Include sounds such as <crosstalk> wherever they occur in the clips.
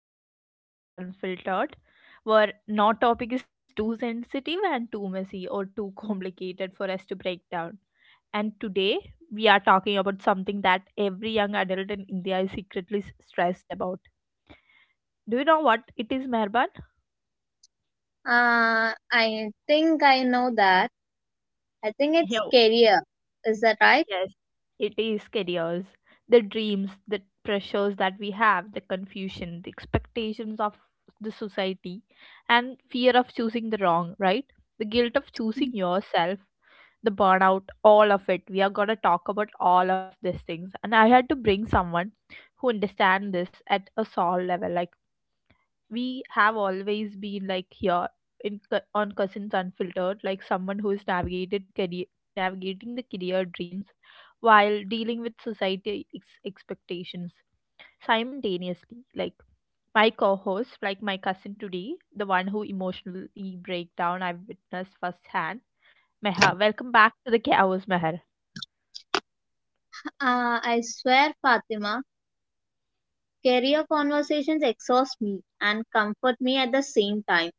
episode of Cousins Unfiltered, where no topic is too sensitive and too messy or too <laughs> complicated for us to break down. And today, we are talking about something that every young adult in India is secretly stressed about. Do you know what it is, Mehrban? I think I know that. I think Yeah. it's career. Is that right? Yes, it is careers. The dreams, the pressures that we have, the confusion, the expectations of the society, and fear of choosing the wrong, right? The guilt of Uh, choosing yourself, the burnout, all of it. We are going to talk about all of these things. And I had to bring someone who understands this at a soul level. Like, we have always been like here on Cousins Unfiltered, like someone who is navigated career navigating the career dreams while dealing with society expectations simultaneously, like my co-host, like my cousin today, the one who emotionally breakdown I've witnessed firsthand. Meher, welcome back to the chaos, Meher. I swear, Fatima, career conversations exhaust me and comfort me at the same time.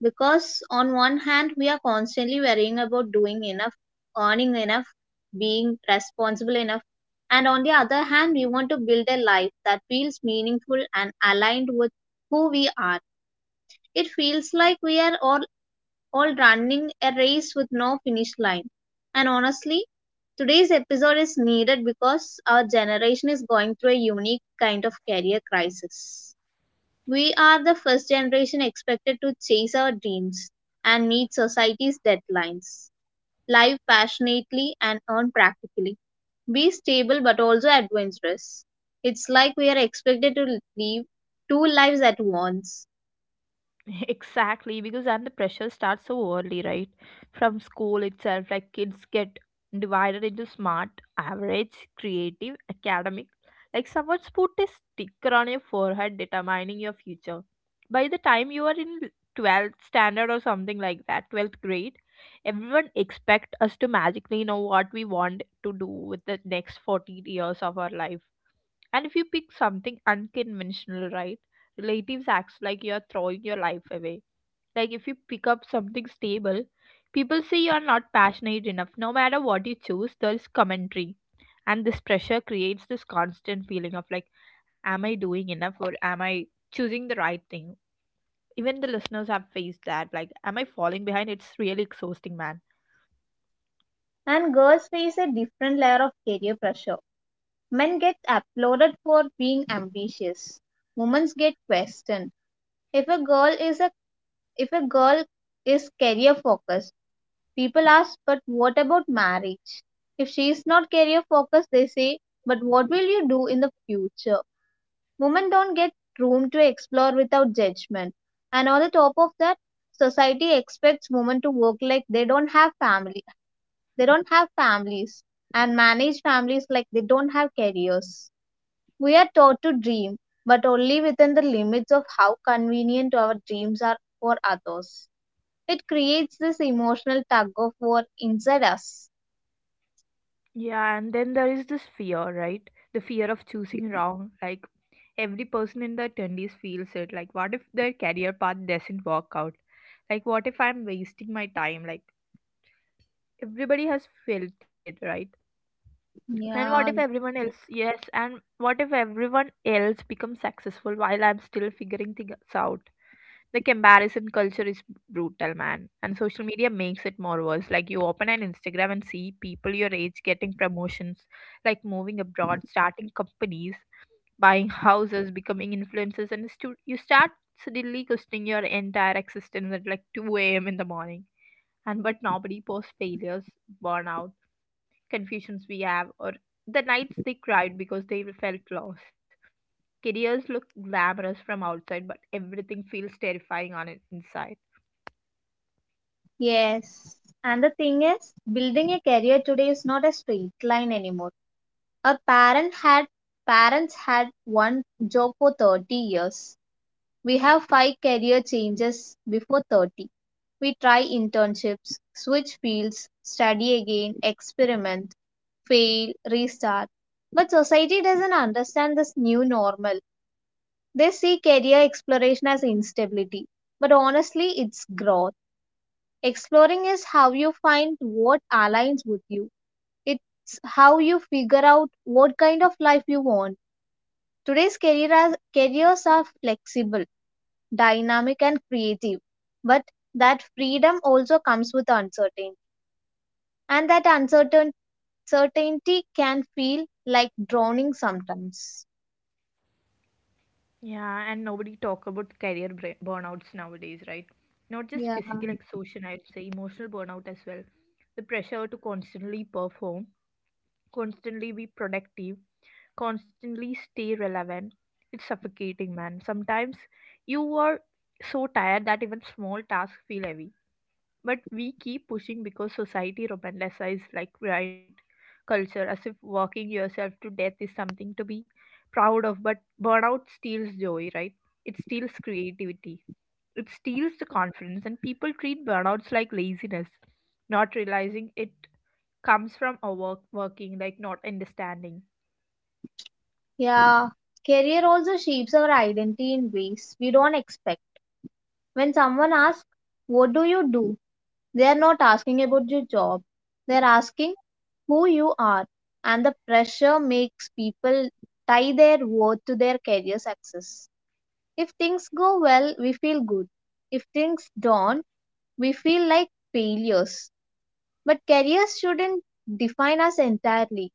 Because on one hand, we are constantly worrying about doing enough, earning enough, being responsible enough. And on the other hand, we want to build a life that feels meaningful and aligned with who we are. It feels like we are all running a race with no finish line. And honestly, today's episode is needed because our generation is going through a unique kind of career crisis. We are the first generation expected to chase our dreams and meet society's deadlines, live passionately and earn practically, be stable but also adventurous. It's like we are expected to live two lives at once. Exactly, because then the pressure starts so early, right? From school itself, like kids get divided into smart, average, creative, academic. Like someone's put a sticker on your forehead determining your future. By the time you are in 12th standard, or something like that, 12th grade, everyone expect us to magically know what we want to do with the next 40 years of our life. And if you pick something unconventional, right, relatives acts like you're throwing your life away. Like if you pick up something stable, people say you're not passionate enough. No matter what you choose, there's commentary. And this pressure creates this constant feeling of like, am I doing enough or am I choosing the right thing? Even the listeners have faced that. Like, am I falling behind? It's really exhausting, man. And girls face a different layer of career pressure. Men get applauded for being ambitious. Women get questioned. If a girl is a If a girl is career focused, people ask, but what about marriage? If she is not career focused, they say, but what will you do in the future? Women don't get room to explore without judgment. And on the top of that, society expects women to work like they don't have families, and manage families like they don't have careers. We are taught to dream, but only within the limits of how convenient our dreams are for others. It creates this emotional tug of war inside us. Yeah, and then there is this fear, right? The fear of choosing wrong. Like, every person in the attendees feels it, like what if their career path doesn't work out, like what if I'm wasting my time, like everybody has felt it, right? And what if Yeah, everyone else, yes, and what if everyone else becomes successful while I'm still figuring things out? The comparison culture is brutal, man, and social media makes it more worse. Like you open an Instagram and see people your age getting promotions, like moving abroad, starting companies, buying houses, becoming influencers, and you start suddenly questioning your entire existence at like 2 a.m. in the morning. And but nobody posts failures, burnout, confusions we have, or the nights they cried because they felt lost. Careers look glamorous from outside, but everything feels terrifying on it inside. yes. And the thing is, building a career today is not a straight line anymore. Our parent had parents had one job for 30 years. We have five career changes before 30. We try internships, switch fields, study again, experiment, fail, restart. But society doesn't understand this new normal. They see career exploration as instability. But honestly, it's growth. Exploring is how you find what aligns with you, it's how you figure out what kind of life you want. Today's career careers are flexible, dynamic, and creative. But that freedom also comes with uncertainty. And that uncertain certainty can feel like drowning sometimes. Yeah, and nobody talk about career burnouts nowadays, right? Not just Yeah, physical exhaustion, I would say emotional burnout as well. The pressure to constantly perform, constantly be productive, constantly stay relevant. It's suffocating, man. Sometimes you are so tired that even small tasks feel heavy. But we keep pushing because society romanticizes like grind culture, as if working yourself to death is something to be proud of. But burnout steals joy, right? It steals creativity. It steals the confidence, and people treat burnouts like laziness, not realizing it comes from overworking, like not understanding. yeah. Career also shapes our identity in ways we don't expect. When someone asks, what do you do? They are not asking about your job, they are asking who you are. And the pressure makes people tie their worth to their career success. If things go well, we feel good. If things don't, we feel like failures. But careers shouldn't define us entirely.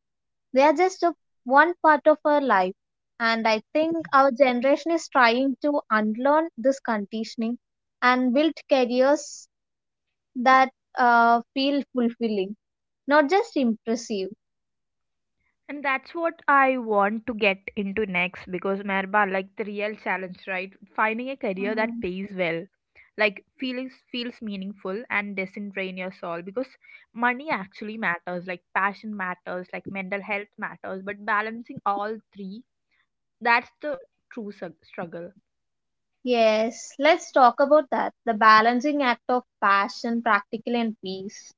They are just a, one part of our life. And I think our generation is trying to unlearn this conditioning and build careers that feel fulfilling, not just impressive. And that's what I want to get into next, because Merba, like the real challenge, right? Finding a career Mm. that pays well, like feelings feels meaningful and doesn't drain your soul, because money actually matters, like passion matters, like mental health matters, but balancing all three, that's the true struggle. Yes, let's talk about that. The balancing act of passion, practical, and peace.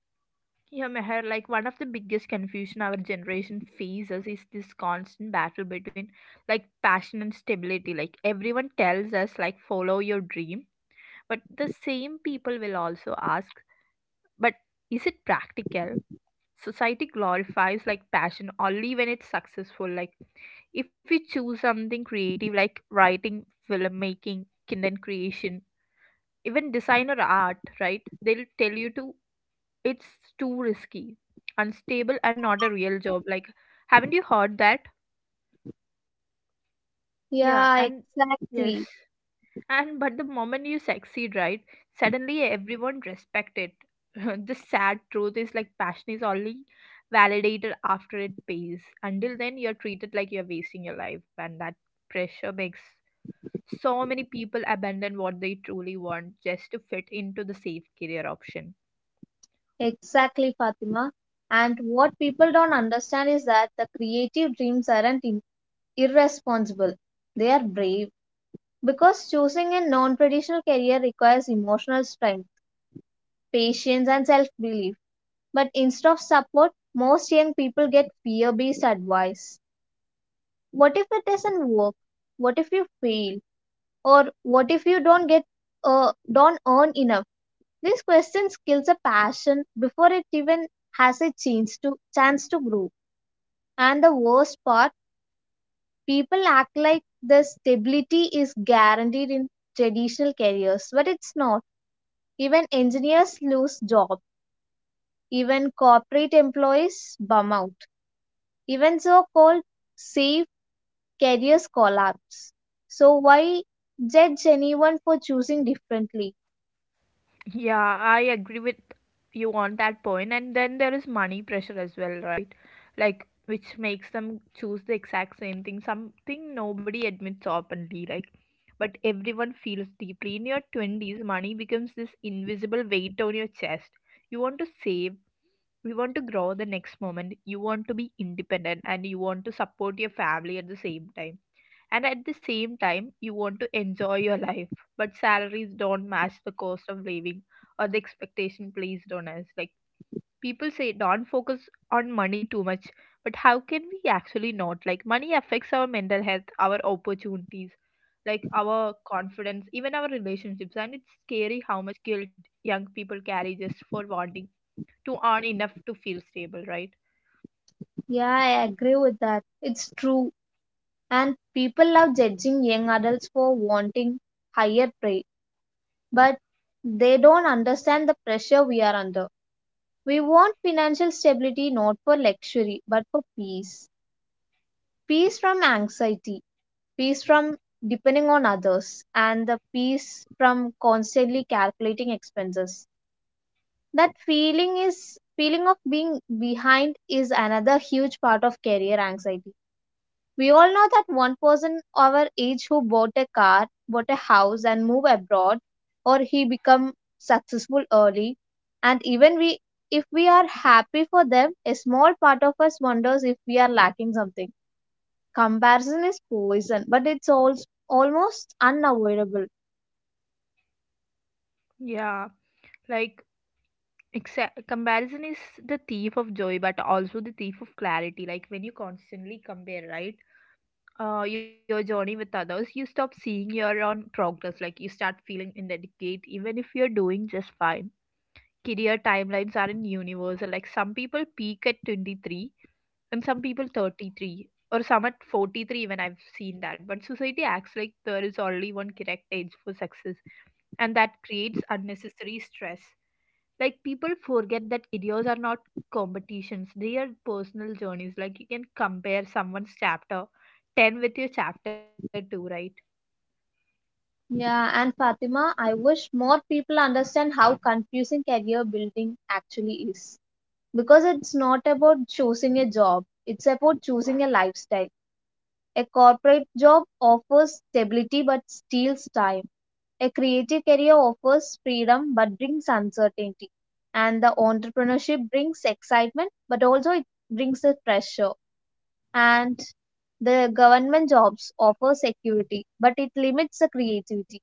Yeah, Meher, like one of the biggest confusion our generation faces is this constant battle between like passion and stability. Like everyone tells us like follow your dream. But the same people will also ask, but is it practical? Society glorifies like passion only when it's successful. Like if you choose something creative like writing, filmmaking, content creation, even design or art, right? They'll tell you to, it's too risky, unstable and not a real job. Like haven't you heard that? Yeah, Yeah, and yes. exactly. And but the moment you succeed, right, suddenly everyone respect it. <laughs> The sad truth is like passion is only validated after it pays. Until then, you're treated like you're wasting your life, and that pressure makes so many people abandon what they truly want just to fit into the safe career option. Exactly, Fatima. And what people don't understand is that the creative dreams aren't irresponsible, they are brave. Because choosing a non traditional career requires emotional strength, patience, and self belief. But instead of support, most young people get fear based advice. What if it doesn't work? What if you fail? Or what if you don't earn enough? These questions kills a passion before it even has a chance to grow. And the worst part, people act like the stability is guaranteed in traditional careers, but it's not. Even engineers lose jobs. Even corporate employees bum out. Even so-called safe careers collapse. So why judge anyone for choosing differently? Yeah, I agree with you on that point. And then there is money pressure as well, right? Like, which makes them choose the exact same thing, something nobody admits openly, like, but everyone feels deeply. In your 20s, money becomes this invisible weight on your chest. You want to save, you want to grow the next moment, you want to be independent, and you want to support your family at the same time, and at the same time you want to enjoy your life, but salaries don't match the cost of living or the expectation placed on us. Like people say don't focus on money too much, but how can we actually not? Like money affects our mental health, our opportunities, like our confidence, even our relationships, and it's scary how much guilt young people carry just for wanting to earn enough to feel stable, right? Yeah, I agree with that. It's true. And people love judging young adults for wanting higher pay, but they don't understand the pressure we are under. We want financial stability not for luxury, but for peace. Peace from anxiety, peace from depending on others, and the peace from constantly calculating expenses. That feeling is feeling of being behind is another huge part of career anxiety. We all know that one person our age who bought a car, bought a house, and moved abroad, or he become successful early, and even we if we are happy for them, a small part of us wonders if we are lacking something. Comparison is poison, but almost unavoidable. Yeah, like comparison is the thief of joy, but also the thief of clarity. Like when you constantly compare, right, your journey with others, you stop seeing your own progress. Like you start feeling inadequate even if you're doing just fine. Career timelines aren't universal. Like some people peak at 23, and some people 33, or some at 43. When I've seen that, but society acts like there is only one correct age for success, and that creates unnecessary stress. Like people forget that careers are not competitions, they are personal journeys. Like you can compare someone's chapter 10 with your chapter 2, right? Yeah, and Fatima, I wish more people understand how confusing career building actually is. Because it's not about choosing a job, it's about choosing a lifestyle. A corporate job offers stability but steals time. A creative career offers freedom but brings uncertainty. And the entrepreneurship brings excitement but also it brings the pressure. And the government jobs offer security, but it limits the creativity.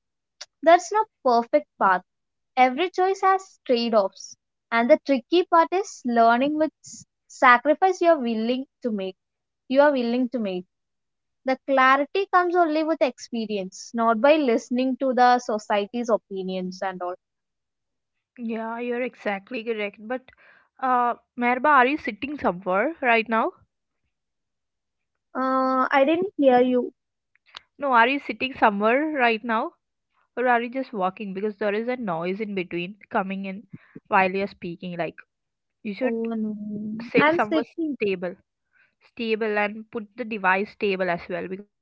There's no perfect path. Every choice has trade-offs, and the tricky part is learning which sacrifice you are willing to make. The clarity comes only with experience, not by listening to the society's opinions and all. Yeah, you're exactly correct. But uh, Merba, are you sitting somewhere right now? I didn't hear you. No, are you sitting somewhere right now, or are you just walking, because there is a noise in between coming in while you're speaking, like you Oh should no, I'm sit somewhere sitting. stable, stable, and put the device stable as well. Because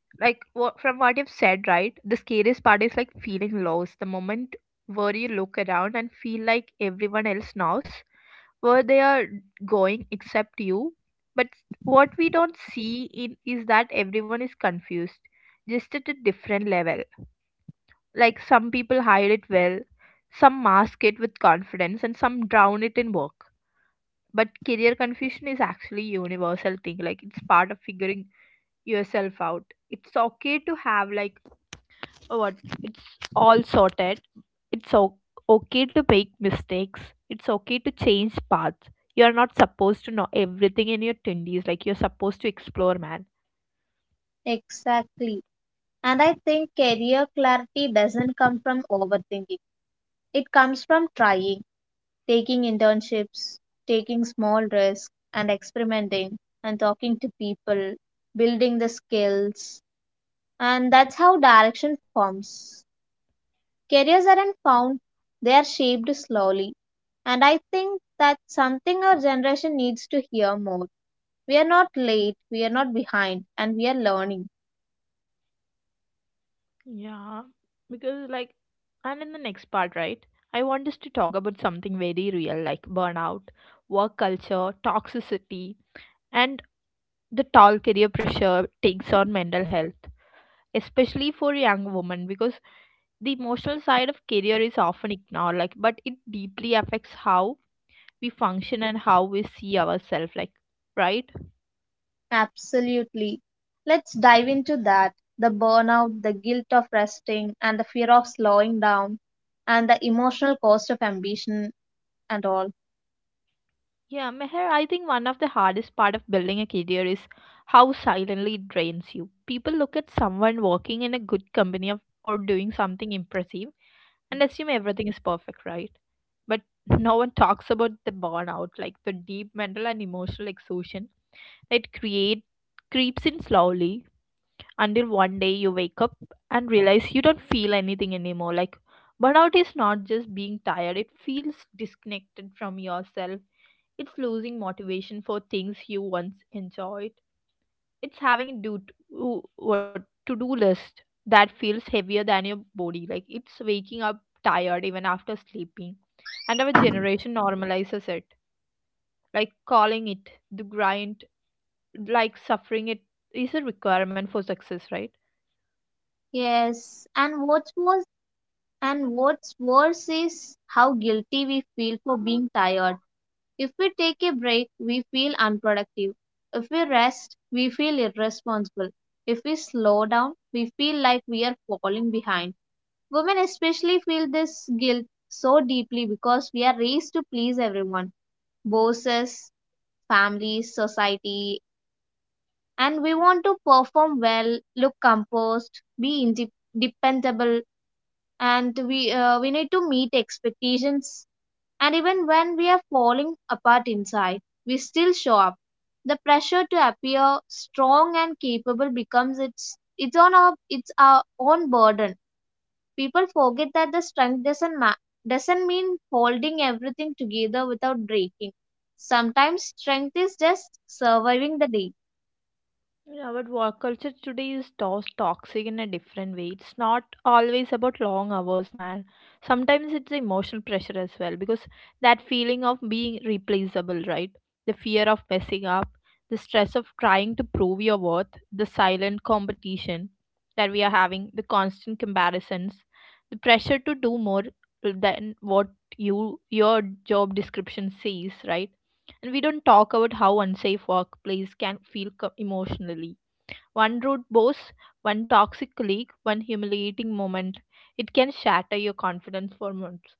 like, what from what you've said, right, the scariest part is like feeling lost, the moment where you look around and feel like everyone else knows where they are going except you. But what we don't see in is that everyone is confused, just at a different level. Like some people hide it well, some mask it with confidence, and some drown it in work, but career confusion is actually universal thing. Like it's part of figuring yourself out. It's okay to have like what, it's all sorted. It's okay to make mistakes. It's okay to change paths. You are not supposed to know everything in your 20s. Like you're supposed to explore, man. Exactly. And I think career clarity doesn't come from overthinking. It comes from trying, taking internships, taking small risks, and experimenting, and talking to people, building the skills. And that's how direction forms. Careers aren't found, they are shaped slowly. And I think that's something our generation needs to hear more. We are not late, we are not behind, and we are learning. Yeah, because like, and in the next part, right? I want us to talk about something very real, like burnout, work culture, toxicity, and the tall career pressure takes on mental health, especially for young women, because the emotional side of career is often ignored, like, but it deeply affects how we function and how we see ourselves, like, right? Absolutely. Let's dive into that, the burnout, the guilt of resting, and the fear of slowing down, and the emotional cost of ambition and all. Yeah, Meher, I think one of the hardest part of building a career is how silently it drains you. People look at someone working in a good company of, or doing something impressive, and assume everything is perfect, right? But <laughs> no one talks about the burnout, like the deep mental and emotional exhaustion that create creeps in slowly until one day you wake up and realize you don't feel anything anymore. Like burnout is not just being tired, it feels disconnected from yourself. It's losing motivation for things you once enjoyed. It's having what to do list that feels heavier than your body. Like it's waking up tired even after sleeping. And our generation normalizes it, like calling it the grind, like suffering it is a requirement for success, right? Yes, and what's worse, and what's worse is how guilty we feel for being tired. If we take a break, we feel unproductive. If we rest, we feel irresponsible. If we slow down, we feel like we are falling behind. Women especially feel this guilt so deeply because we are raised to please everyone, bosses, families, society, and we want to perform well, look composed, be dependable, and we need to meet expectations. And even when we are falling apart inside, we still show up. The pressure to appear strong and capable becomes its our own burden. People forget that the strength doesn't mean holding everything together without breaking. Sometimes strength is just surviving the day. Yeah, but work culture today is toxic in a different way. It's not always about long hours, man. Sometimes it's emotional pressure as well, because that feeling of being replaceable, right? The fear of messing up, the stress of trying to prove your worth, the silent competition that we are having, the constant comparisons, the pressure to do more than what you, your job description says, right? And we don't talk about how unsafe workplace can feel emotionally. One rude boss, one toxic colleague, one humiliating moment. It can shatter your confidence for months.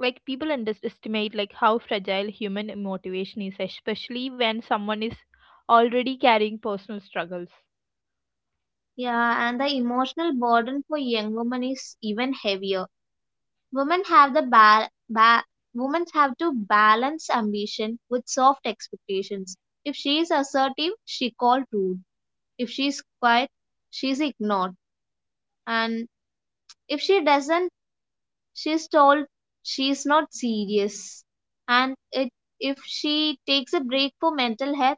Like people underestimate like how fragile human motivation is, especially when someone is already carrying personal struggles, Yeah, and the emotional burden for young women is even heavier. Women have the ba- ba- Women have to balance ambition with soft expectations. If she is assertive, she called rude. If she is quiet, she is ignored. And if she doesn't she's told she is not serious, and it, if she takes a break for mental health,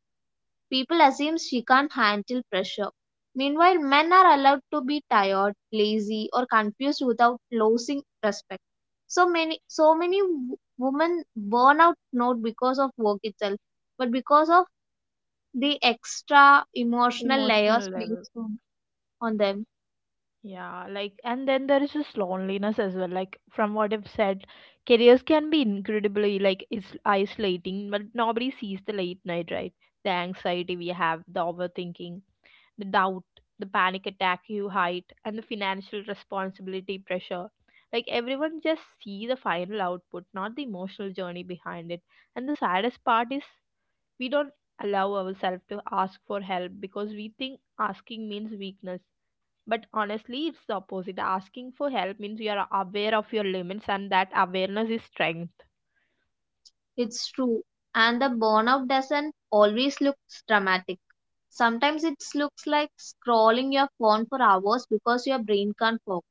people assume she can't handle pressure. Meanwhile, men are allowed to be tired, lazy, or confused without losing respect. Women burn out not because of work itself, but because of the extra emotional layers emotional level. placed on them. Yeah, like and then there is this loneliness as well. Like from what I've said, careers can be incredibly like is isolating, but nobody sees the late night, right? The anxiety we have, the overthinking, the doubt, the panic attack you hide, and the financial responsibility pressure. Like everyone just see the final output, not the emotional journey behind it. And the saddest part is we don't allow ourselves to ask for help because we think asking means weakness. But honestly, it's the opposite. Asking for help means you are aware of your limits, and that awareness is strength. It's true. And the burnout doesn't always look dramatic. Sometimes it looks like scrolling your phone for hours because your brain can't focus.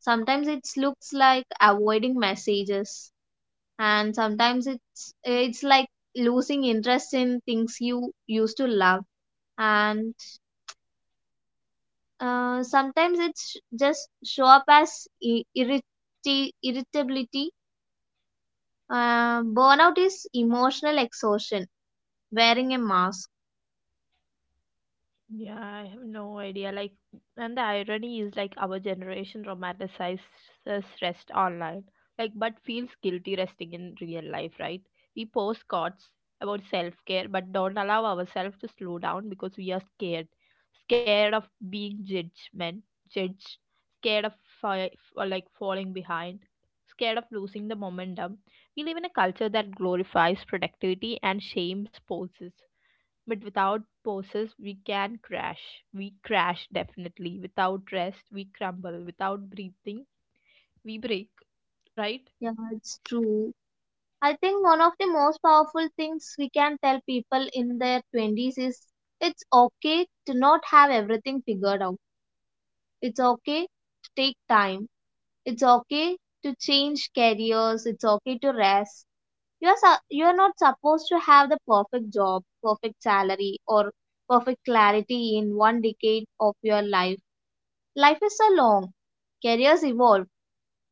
Sometimes it looks like avoiding messages. And sometimes it's like losing interest in things you used to love. And sometimes it's just show up as irritability. Burnout is emotional exhaustion, wearing a mask. Yeah, I have no idea. Like, and the irony is like our generation romanticizes rest online, like, but feels guilty resting in real life, right? We post thoughts about self care, but don't allow ourselves to slow down because we are scared, scared of being judgment, judged, scared of fi- or like falling behind, scared of losing the momentum. We live in a culture that glorifies productivity and shames pauses, but without pauses we can crash, we crash definitely, without rest we crumble, without breathing we break, right? Yeah, it's true. I think one of the most powerful things we can tell people in their 20s is it's okay to not have everything figured out. It's okay to take time. It's okay to change careers. It's okay to rest. You're not supposed to have the perfect job, perfect salary, or perfect clarity in one decade of your life. Life is so long. Careers evolve.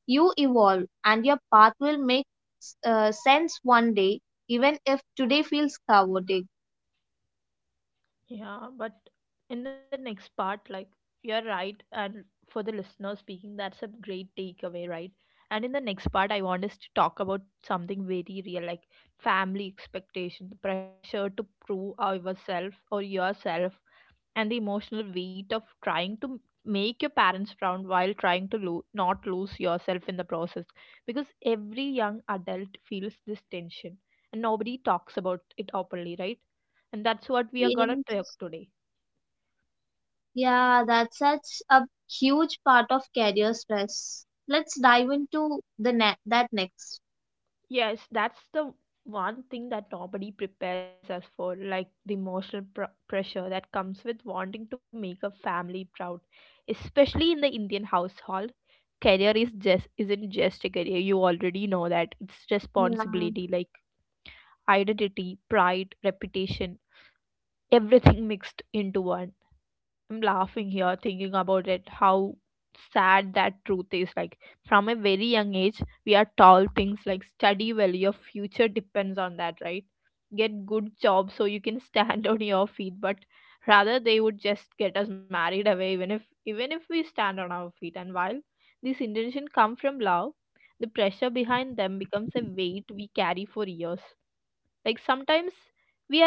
You evolve, and your path will make sense one day, even if today feels chaotic. Yeah, but in the next part, like, you're right, and for the listener speaking that's a great takeaway, right? And in the next part I want us to talk about something very real, like family expectation, the pressure to prove ourselves or yourself, and the emotional weight of trying to make your parents proud while trying to not lose yourself in the process, because every young adult feels this tension and nobody talks about it openly, right? And that's what we are Yes, gonna talk today. yeah, that's such a huge part of career stress. Let's dive into that next. Yes, that's the one thing that nobody prepares us for, like the emotional pressure that comes with wanting to make a family proud, especially in the indian household. Career is just isn't just a career, you already know that. It's Yeah, responsibility, like identity, pride, reputation, everything mixed into one. I'm laughing here thinking about it, how sad that truth is. Like, from a very young age, we are told things like study well, your future depends on that, right? Get good job so you can stand <laughs> on your feet, but rather they would just get us married away even if we stand on our feet. And while this intention come from love, the pressure behind them becomes a weight we carry for years. Like sometimes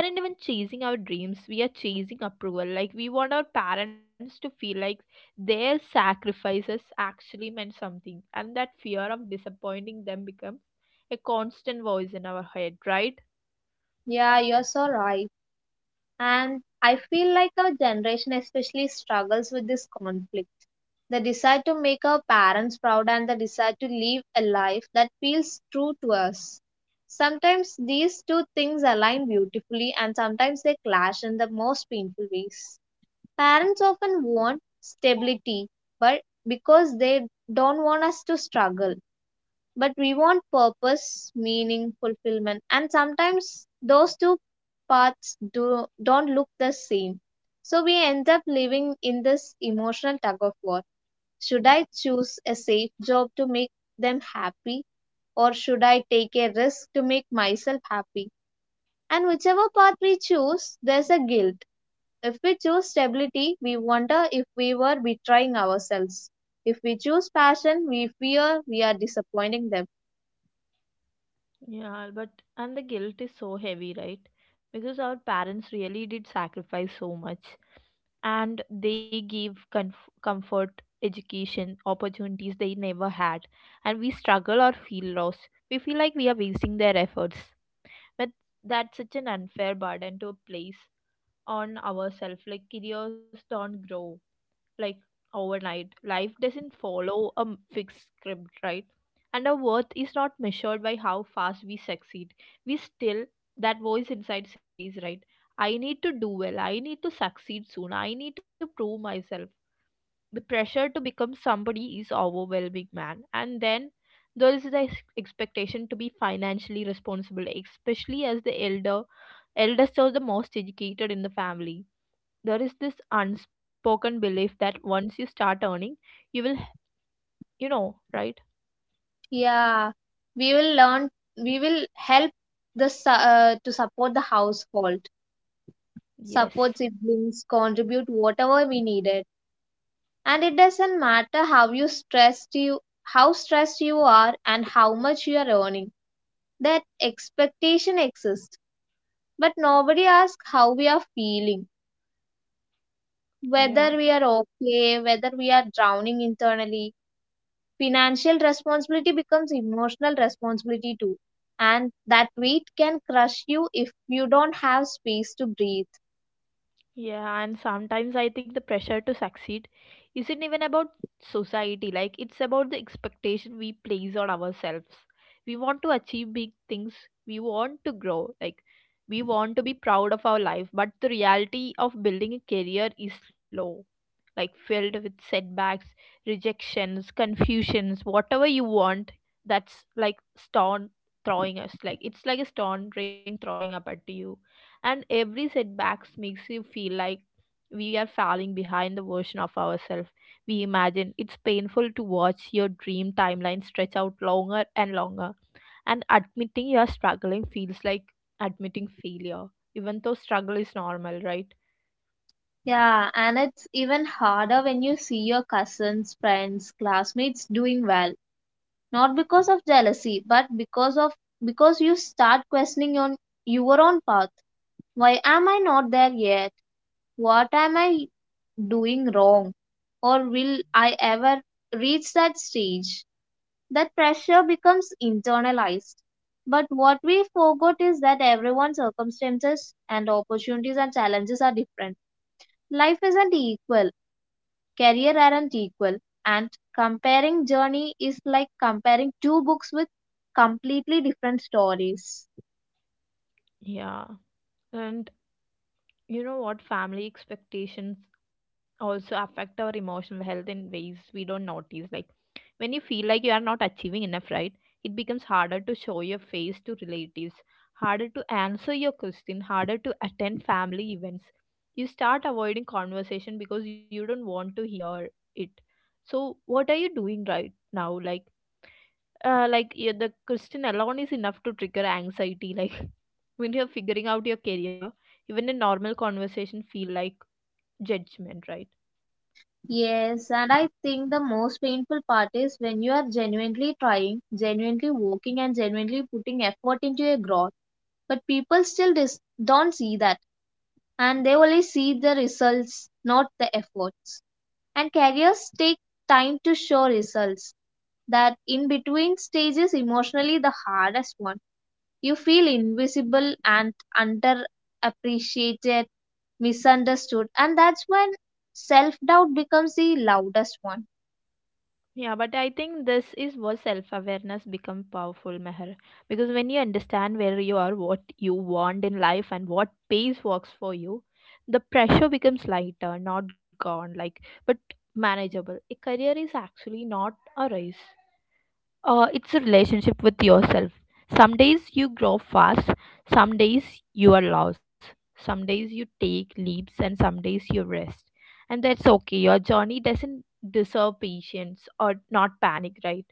we aren't even chasing our dreams, we are chasing approval. Like we want our parents to feel like their sacrifices actually meant something, and that fear of disappointing them becomes a constant voice in our head, right? yeah, you're so right. And I feel like our generation especially struggles with this conflict. The desire to make our parents proud and the desire to live a life that feels true to us. Sometimes these two things align beautifully and sometimes they clash in the most painful ways. Parents often want stability, but because they don't want us to struggle. But we want purpose, meaning, fulfillment, and sometimes those two paths do, don't look the same. So we end up living in this emotional tug of war. Should I choose a safe job to make them happy, or should I take a risk to make myself happy? And whichever path we choose, there's a guilt. If we choose stability, we wonder if we were betraying ourselves. If we choose passion, we fear we are disappointing them. Yeah, but and the guilt is so heavy, right? Because our parents really did sacrifice so much. And they give comfort, education, opportunities they never had, and we struggle or feel lost, we feel like we are wasting their efforts. But that's such an unfair burden to place on ourselves. Like careers don't grow, like, overnight. Life doesn't follow a fixed script, right? And our worth is not measured by how fast we succeed. We still, that voice inside says, right, I need to do well. I need to succeed soon. I need to prove myself. The pressure to become somebody is overwhelming, man. And then there is the expectation to be financially responsible, especially as the elder eldest or the most educated in the family. There is this unspoken belief that once you start earning, you will, you know, right? Yeah, we will learn, we will help to support the household, Yes. support siblings, contribute whatever we needed. And it doesn't matter how stressed you are and how much you are earning, that expectation exists. But nobody asks how we are feeling, whether we Yeah. are okay, whether we are drowning internally. Financial responsibility becomes emotional responsibility too, and that weight can crush you if you don't have space to breathe. Yeah, and sometimes I think the pressure to succeed isn't even about society, like it's about the expectation we place on ourselves. We want to achieve big things, we want to grow, like we want to be proud of our life, but the reality of building a career is slow, like filled with setbacks, rejections, confusions, whatever you want. That's like stone throwing us. Like it's like a stone rain throwing up at you, and every setbacks makes you feel like we are falling behind the version of ourselves we imagine. It's painful to watch your dream timeline stretch out longer and longer, and admitting you are struggling feels like admitting failure, even though struggle is normal, right? Yeah, and it's even harder when you see your cousins, friends, classmates doing well, not because of jealousy but because you start questioning on your own path. Why am I not there yet? What am I doing wrong? Or will I ever reach that stage? That pressure becomes internalized, but what we forgot is that everyone's circumstances and opportunities and challenges are different. Life isn't equal, career aren't equal, and comparing journey is like comparing two books with completely different stories. Yeah. And you know what, family expectations also affect our emotional health in ways we don't notice. Like when you feel like you are not achieving enough, right, it becomes harder to show your face to relatives, harder to answer your question, harder to attend family events. You start avoiding conversation because you don't want to hear it. So what are you doing right now, like, like, yeah, the question alone is enough to trigger anxiety <laughs> like when you're figuring out your career, even a normal conversation feel like judgment, right? Yes, and I think the most painful part is when you are genuinely trying, genuinely working, and genuinely putting effort into a growth, but people still don't see that. And they only see the results, not the efforts. And careers take time to show results. That in between stage is emotionally the hardest one. You feel invisible and underappreciated, misunderstood, and that's when self doubt becomes the loudest one. Yeah, but I think this is where self-awareness become powerful, Meher. Because when you understand where you are, what you want in life, and what pace works for you, the pressure becomes lighter, not gone, like, but manageable. A career is actually not a race. It's a relationship with yourself. Some days you grow fast, some days you are lost, some days you take leaps, and some days you rest. And that's okay. Your journey doesn't deserve patience or not panic, right?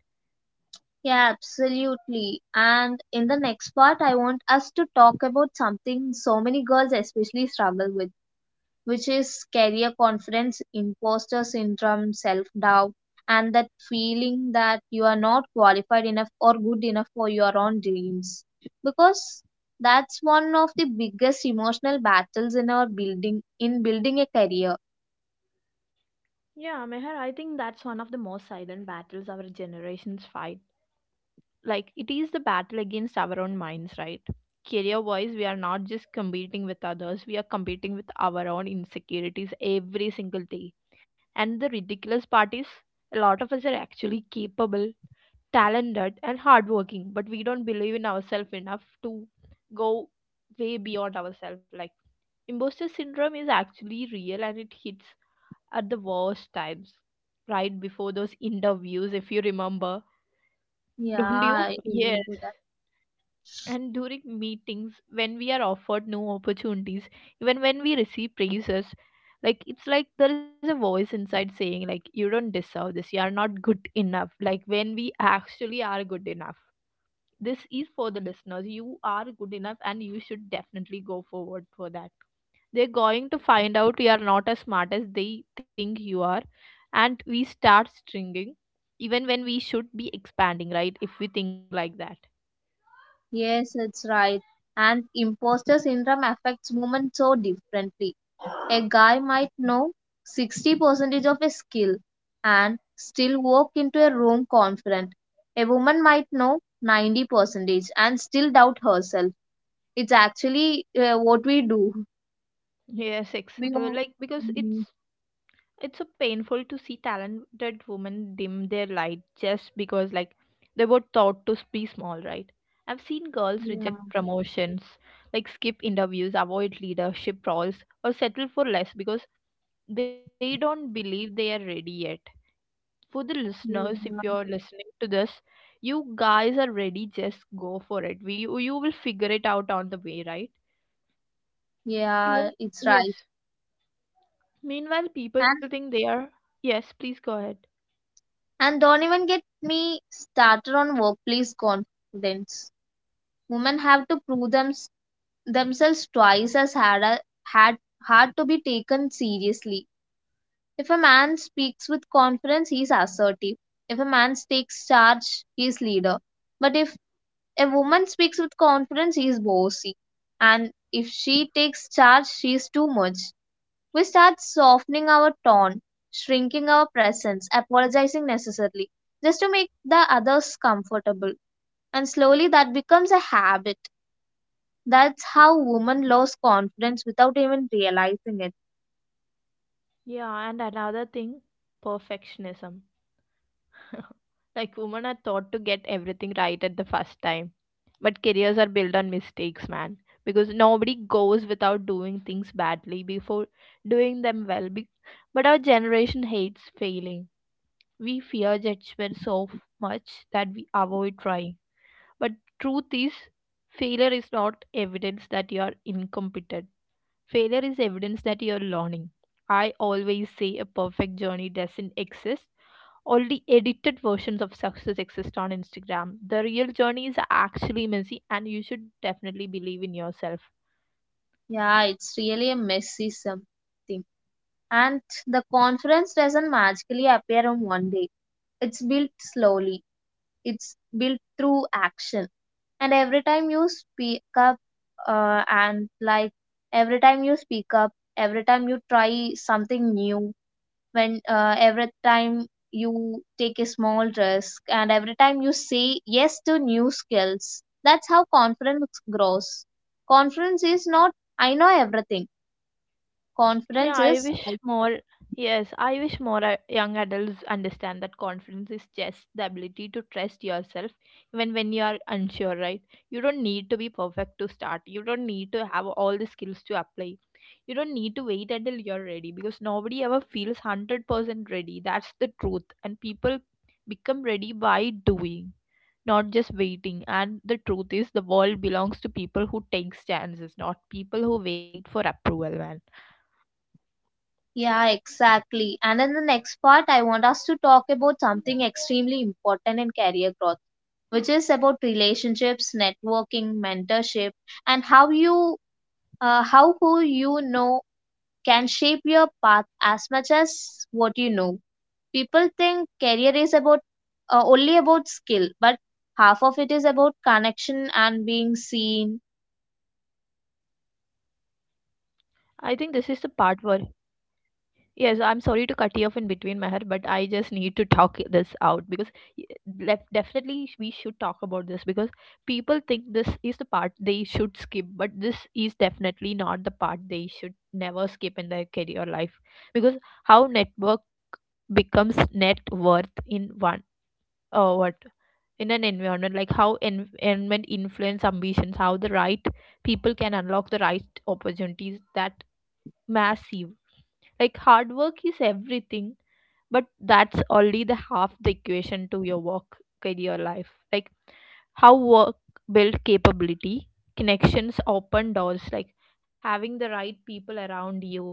Yeah, absolutely. And in the next part, I want us to talk about something so many girls especially struggle with, which is career confidence, imposter syndrome, self doubt, and that feeling that you are not qualified enough or good enough for your own dreams. Because that's one of the biggest emotional battles in our building in building a career. Yeah, Meher, I think that's one of the most silent battles our generations fight. Like it is the battle against our own minds, right? Career wise, we are not just competing with others, we are competing with our own insecurities every single day. And the ridiculous part is a lot of us are actually capable, talented and hardworking, but we don't believe in ourselves enough to go way beyond ourselves. Like imposter syndrome is actually real and it hits at the worst times, right before those interviews, if you remember. Yeah, Don't you? I Yes. remember that. And during meetings, when we are offered new opportunities, even when we receive praises, like it's like there is a voice inside saying, like, you don't deserve this, you are not good enough. Like, when we actually are good enough, this is for the listeners. You are good enough and you should definitely go forward for that. They're going to find out you are not as smart as they think you are, and we start stringing even when we should be expanding, right? If we think like that. Yes, that's right. And imposter syndrome affects women so differently. A guy might know 60% of a skill and still walk into a room confident. A woman might know 90% and still doubt herself. It's actually what we do. Yes, We all- like, because Mhm. It's so painful to see talented women dim their light just because, like, they were taught to be small, right? I've seen girls yeah, reject promotions, like skip interviews, avoid leadership roles, or settle for less because they don't believe they are ready yet. For the listeners, if yeah, you're listening to this, you guys are ready, just go for it. We you will figure it out on the way, right? yeah, Even it's right. yes. Meanwhile, And people think they are. Yes, please go ahead. and don't even get me started on workplace confidence. Women have to themselves twice as hard, a- had hard to be taken seriously. If a man speaks with confidence, he is assertive. If a man takes charge, he is leader. But if a woman speaks with confidence, he is bossy. And if she takes charge, she is too much. We start softening our tone, shrinking our presence, apologizing necessarily, just to make the others comfortable. And slowly that becomes a habit. That's how women lose confidence without even realizing it. Yeah, and another thing, perfectionism. <laughs> Like, women are taught to get everything right at the first time. But careers are built on mistakes, man. Because nobody goes without doing things badly before doing them well. But our generation hates failing. We fear judgment so much that we avoid trying. But truth is, failure is not evidence that you are incompetent. Failure is evidence that you're learning. I always say a perfect journey doesn't exist. Only edited versions of success exist on Instagram. The real journey is actually messy, and you should definitely believe in yourself. Yeah, it's really a messy something. And the confidence doesn't magically appear on one day. It's built slowly, it's built through action. And every time you speak up, and like every time you speak up, every time you try something new, when every time you take a small risk, and every time you say yes to new skills, that's how confidence grows. Confidence is not, I know everything. Yeah, Confidence I is, wish I. more. Yes, I wish more young adults understand that confidence is just the ability to trust yourself even when you are unsure, right? You don't need to be perfect to start. You don't need to have all the skills to apply. You don't need to wait until you're ready because nobody ever feels 100% ready. That's the truth. And people become ready by doing, not just waiting. And the truth is, the world belongs to people who takes chances, not people who wait for approval, man. Yeah, exactly. And in the next part, I want us to talk about something extremely important in career growth, which is about relationships, networking, mentorship, and how who you know can shape your path as much as what you know. People think career is about only about skill, but half of it is about connection and being seen. I think this is the part where, yes, I'm sorry to cut you off in between, Meher, but I just need to talk this out because y- definitely we should talk about this, because people think this is the part they should skip, but this is definitely not the part they should never skip in their career life. Because how network becomes net worth in one, what, in an environment, like how environment influence ambitions, how the right people can unlock the right opportunities, that massive. Like hard work is everything, but that's only the half the equation to your work career life. Like how work build capability, connections open doors. Like having the right people around you,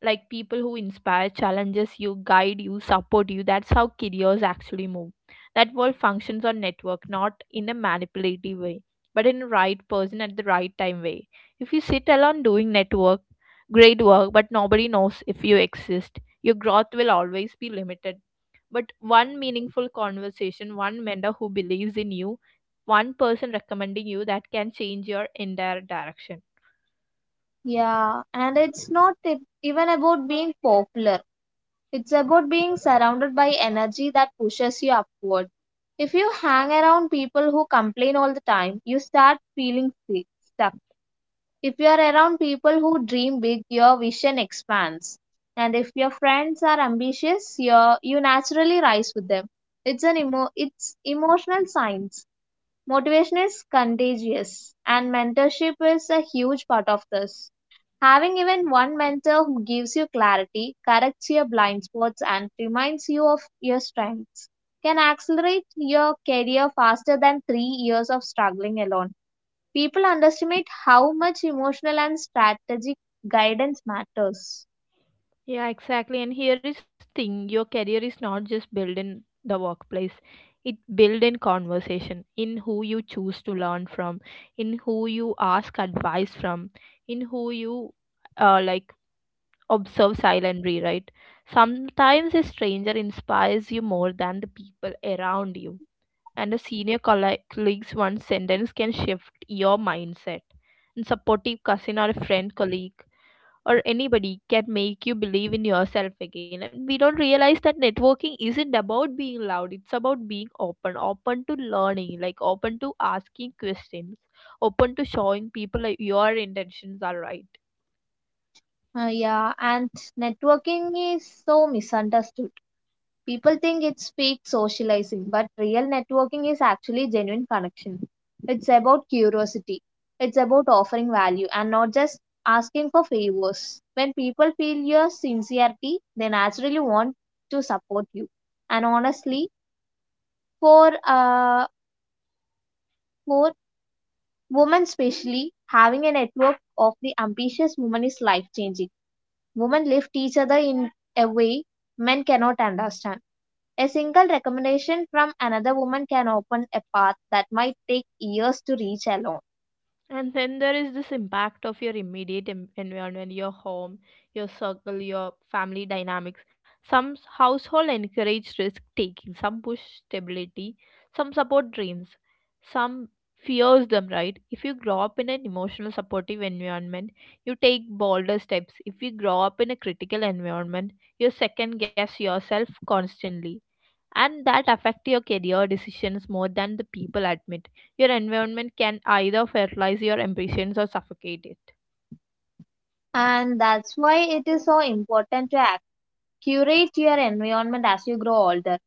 like people who inspire, challenges you, guide you, support you, that's how careers actually move. That world functions on network, not in a manipulative way, but in the right person at the right time way. If you sit alone doing network great work but nobody knows if you exist, your growth will always be limited. But one meaningful conversation, one mentor who believes in you, one person recommending you, that can change your entire direction. Yeah, and it's not even about being popular. It's about being surrounded by energy that pushes you upward. If you hang around people who complain all the time, you start feeling stuck. If you are around people who dream big, your vision expands. And if your friends are ambitious, you naturally rise with them. It's emotional science. Motivation is contagious, and mentorship is a huge part of this. Having even one mentor who gives you clarity, corrects your blind spots, and reminds you of your strengths can accelerate your career faster than 3 years of struggling alone. People underestimate how much emotional and strategic guidance matters. Yeah, exactly. And here is thing, your career is not just built in the workplace. It built in conversation, in who you choose to learn from, in who you ask advice from, in who you uh, like observe silently, right? Sometimes a stranger inspires you more than the people around you. And a senior colleague's one sentence can shift your mindset. And supportive cousin or a friend colleague or anybody can make you believe in yourself again. And we don't realize that networking isn't about being loud, it's about being open to learning, like open to asking questions, open to showing people like your intentions are right. Yeah, and networking is so misunderstood. People think it's fake socializing, but real networking is actually genuine connection. It's about curiosity, it's about offering value and not just asking for favors. When people feel your sincerity, they naturally want to support you. And honestly, for uh, for women especially, having a network of the ambitious women is life changing. Women lift each other in a way men cannot understand. A single recommendation from another woman can open a path that might take years to reach alone. And then there is this impact of your immediate environment, your home, your circle, your family dynamics. Household encourage risk taking, some push stability, some support dreams, some fears them, right? If you grow up in an emotional supportive environment, you take bolder steps. If you grow up in a critical environment, you second guess yourself constantly, and that affect your career decisions more than the people admit. Your environment can either fertilize your ambitions or suffocate it. And that's why it is so important to act. Curate your environment as you grow older.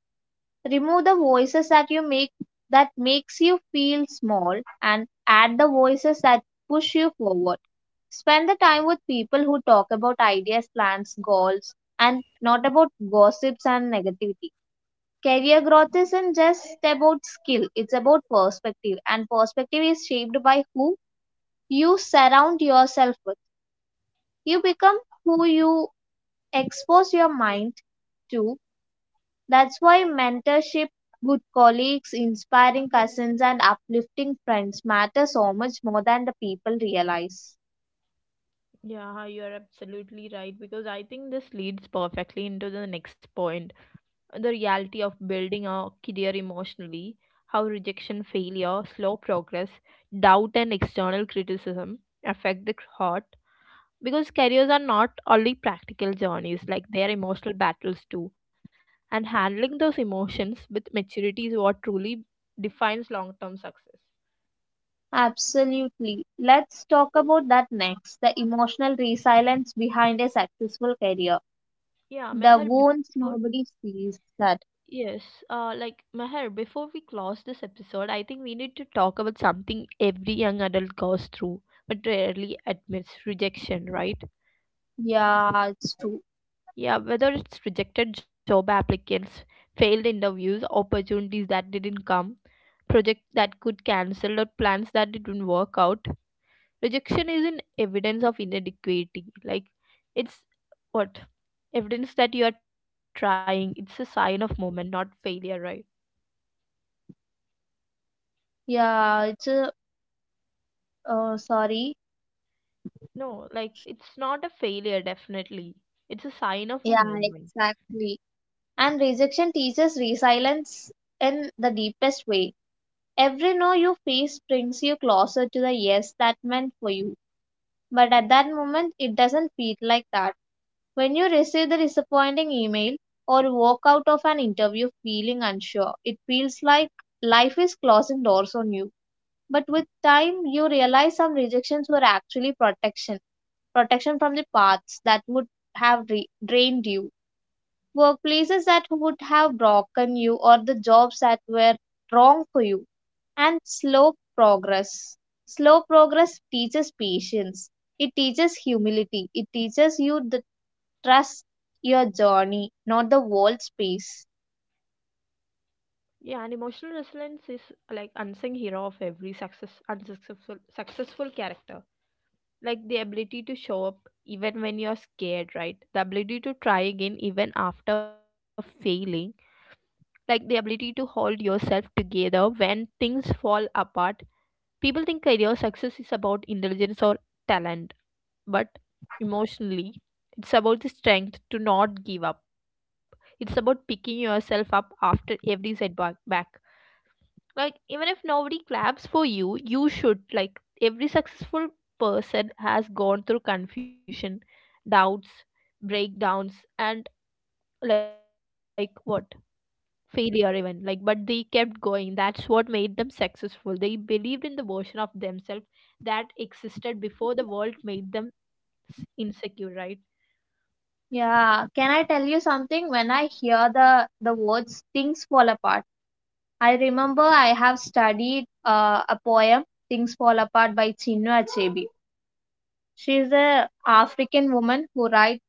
Remove the voices that you make that makes you feel small and add the voices that push you forward. Spend the time with people who talk about ideas, plans, goals and not about gossips and negativity. Career growth isn't just about skill, it's about perspective, and perspective is shaped by who you surround yourself with. You become who you expose your mind to. That's why mentorship, good colleagues, inspiring cousins, and uplifting friends matter so much more than the people realize. Yeah, you're absolutely right, because I think this leads perfectly into the next point, the reality of building a career emotionally, how rejection, failure, slow progress, doubt, and external criticism affect the heart, because careers are not only practical journeys, like they are emotional battles too, and handling those emotions with maturity is what truly defines long-term success. Absolutely. Let's talk about that next, the emotional resilience behind a successful career. Yeah, The Meher, wounds before. nobody sees that. Yes. Meher, before we close this episode, I think we need to talk about something every young adult goes through but rarely admits: rejection, right? Yeah, it's true. Yeah, whether it's rejected job applicants, failed interviews, opportunities that didn't come, projects that could cancel or plans that didn't work out, rejection isn't evidence of inadequacy. Like, it's what evidence that you are trying. It's a sign of moment, not failure, right? Yeah, it's a oh, sorry. No, like it's not a failure. Definitely, it's a sign of a Yeah, moment. exactly. And rejection teaches resilience in the deepest way. Every no you face brings you closer to the yes that meant for you. But at that moment, it doesn't feel like that. When you receive the disappointing email or walk out of an interview feeling unsure, it feels like life is closing doors on you. But with time, you realize some rejections were actually protection, protection from the paths that would drained you, workplaces that would have broken you, or the jobs that were wrong for you. And slow progress. Slow progress teaches patience, it teaches humility, it teaches you the trust your journey, not the world's pace. Yeah, and emotional resilience is like unsung hero of every successful character, like the ability to show up even when you're scared, right? The ability to try again even after failing, like the ability to hold yourself together when things fall apart. People think career success is about intelligence or talent, but emotionally it's about the strength to not give up. It's about picking yourself up after every setback, like even if nobody claps for you, you should. Like every successful person has gone through confusion, doubts, breakdowns, and like what failure even like but they kept going. That's what made them successful. They believed in the version of themselves that existed before the world made them insecure, right? Yeah, can I tell you something? When I hear the words things fall apart, I remember I have studied a poem, Things Fall Apart by Chinua Achebe. She is an African woman who writes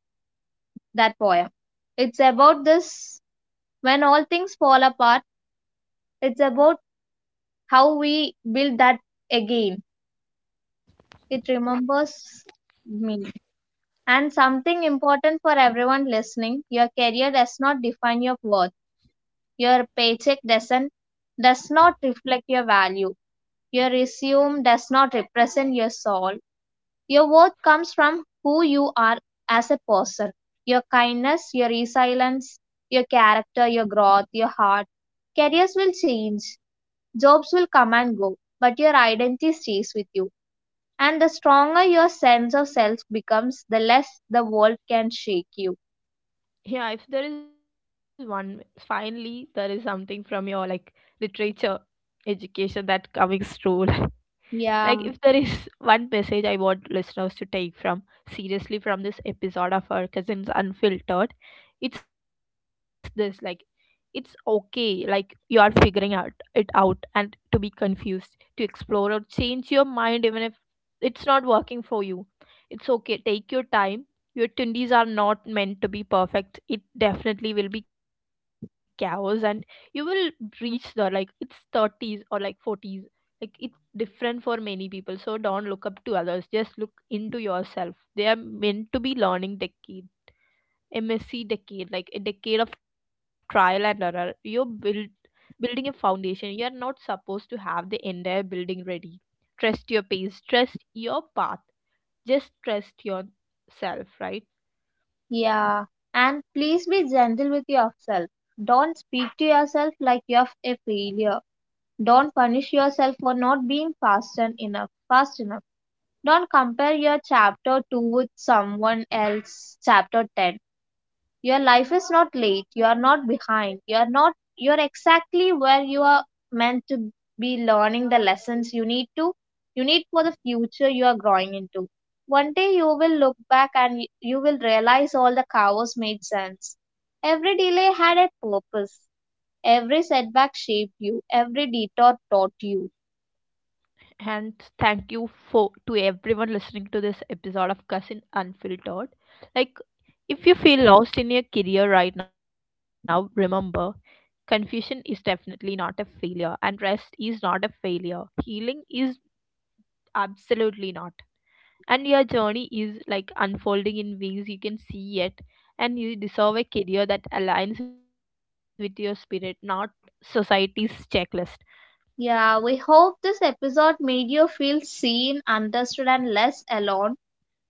that poem. It's about this, when all things fall apart, it's about how we build that again. It remembers me. And something important for everyone listening, your career does not define your worth, your paycheck doesn't, does not reflect your value, your resume does not represent your soul. Your worth comes from who you are as a person, your kindness, your resilience, your character, your growth, your heart. Careers will change, jobs will come and go, but your identity stays with you. And the stronger your sense of self becomes, the less the world can shake you. Yeah, if there is one, finally there is something from your like literature education that comes true. <laughs> Like, if Yeah, there is <laughs> one message I want listeners to take from seriously from this episode of our Cousins Unfiltered, it's this. Like, it's okay, like, you are figuring out it out and to be confused, to explore or change your mind, even if it's not working for you. It's okay, take your time. Your 20s are not meant to be perfect. It definitely will be chaos, and you will reach there like it's 30s or like 40s, like it different for many people. So don't look up to others. Just look into yourself. They are meant to be learning decade, MSc decade, like a decade of trial and error. Building a foundation. You're not supposed to have the entire building ready. Trust your pace. Trust your path. Just trust yourself, right? yeah. And please be gentle with yourself. Don't speak to yourself like you're a failure. Don't punish yourself for not being fast enough. Fast enough. Don't compare your chapter 2 with someone else's chapter 10. Your life is not late. You are not behind. You are not You're exactly where you are meant to be, learning the lessons you need for the future you are growing into. One day you will look back and you will realize all the chaos made sense. Every delay had a purpose. Every setback shaped you. Every detour taught you. And thank you for to everyone listening to this episode of Cousin Unfiltered. Like, if you feel lost in your career right now, remember confusion is definitely not a failure, and rest is not a failure. Healing is absolutely not. And your journey is like unfolding in ways you can see yet, and you deserve a career that aligns with your spirit, not society's checklist. Yeah, we hope this episode made you feel seen, understood, and less alone.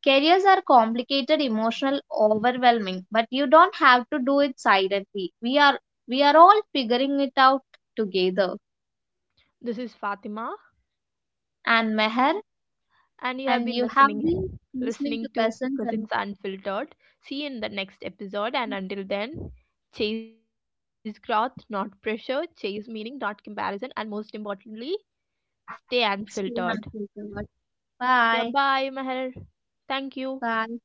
Careers are complicated, emotional, overwhelming, but you don't have to do it silently. We are all figuring it out together. This is Fatima, And Meher, and you have and been you have been listening, <laughs> listening to listening to Cousins and Cousins Unfiltered. See you in the next episode, and until then, chase growth, not pressure, chase meaning, not comparison, and most importantly, stay Stay unfiltered. Unfiltered. Yeah, Bye. bye Meher. Thank you. Bye.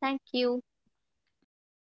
Thank you.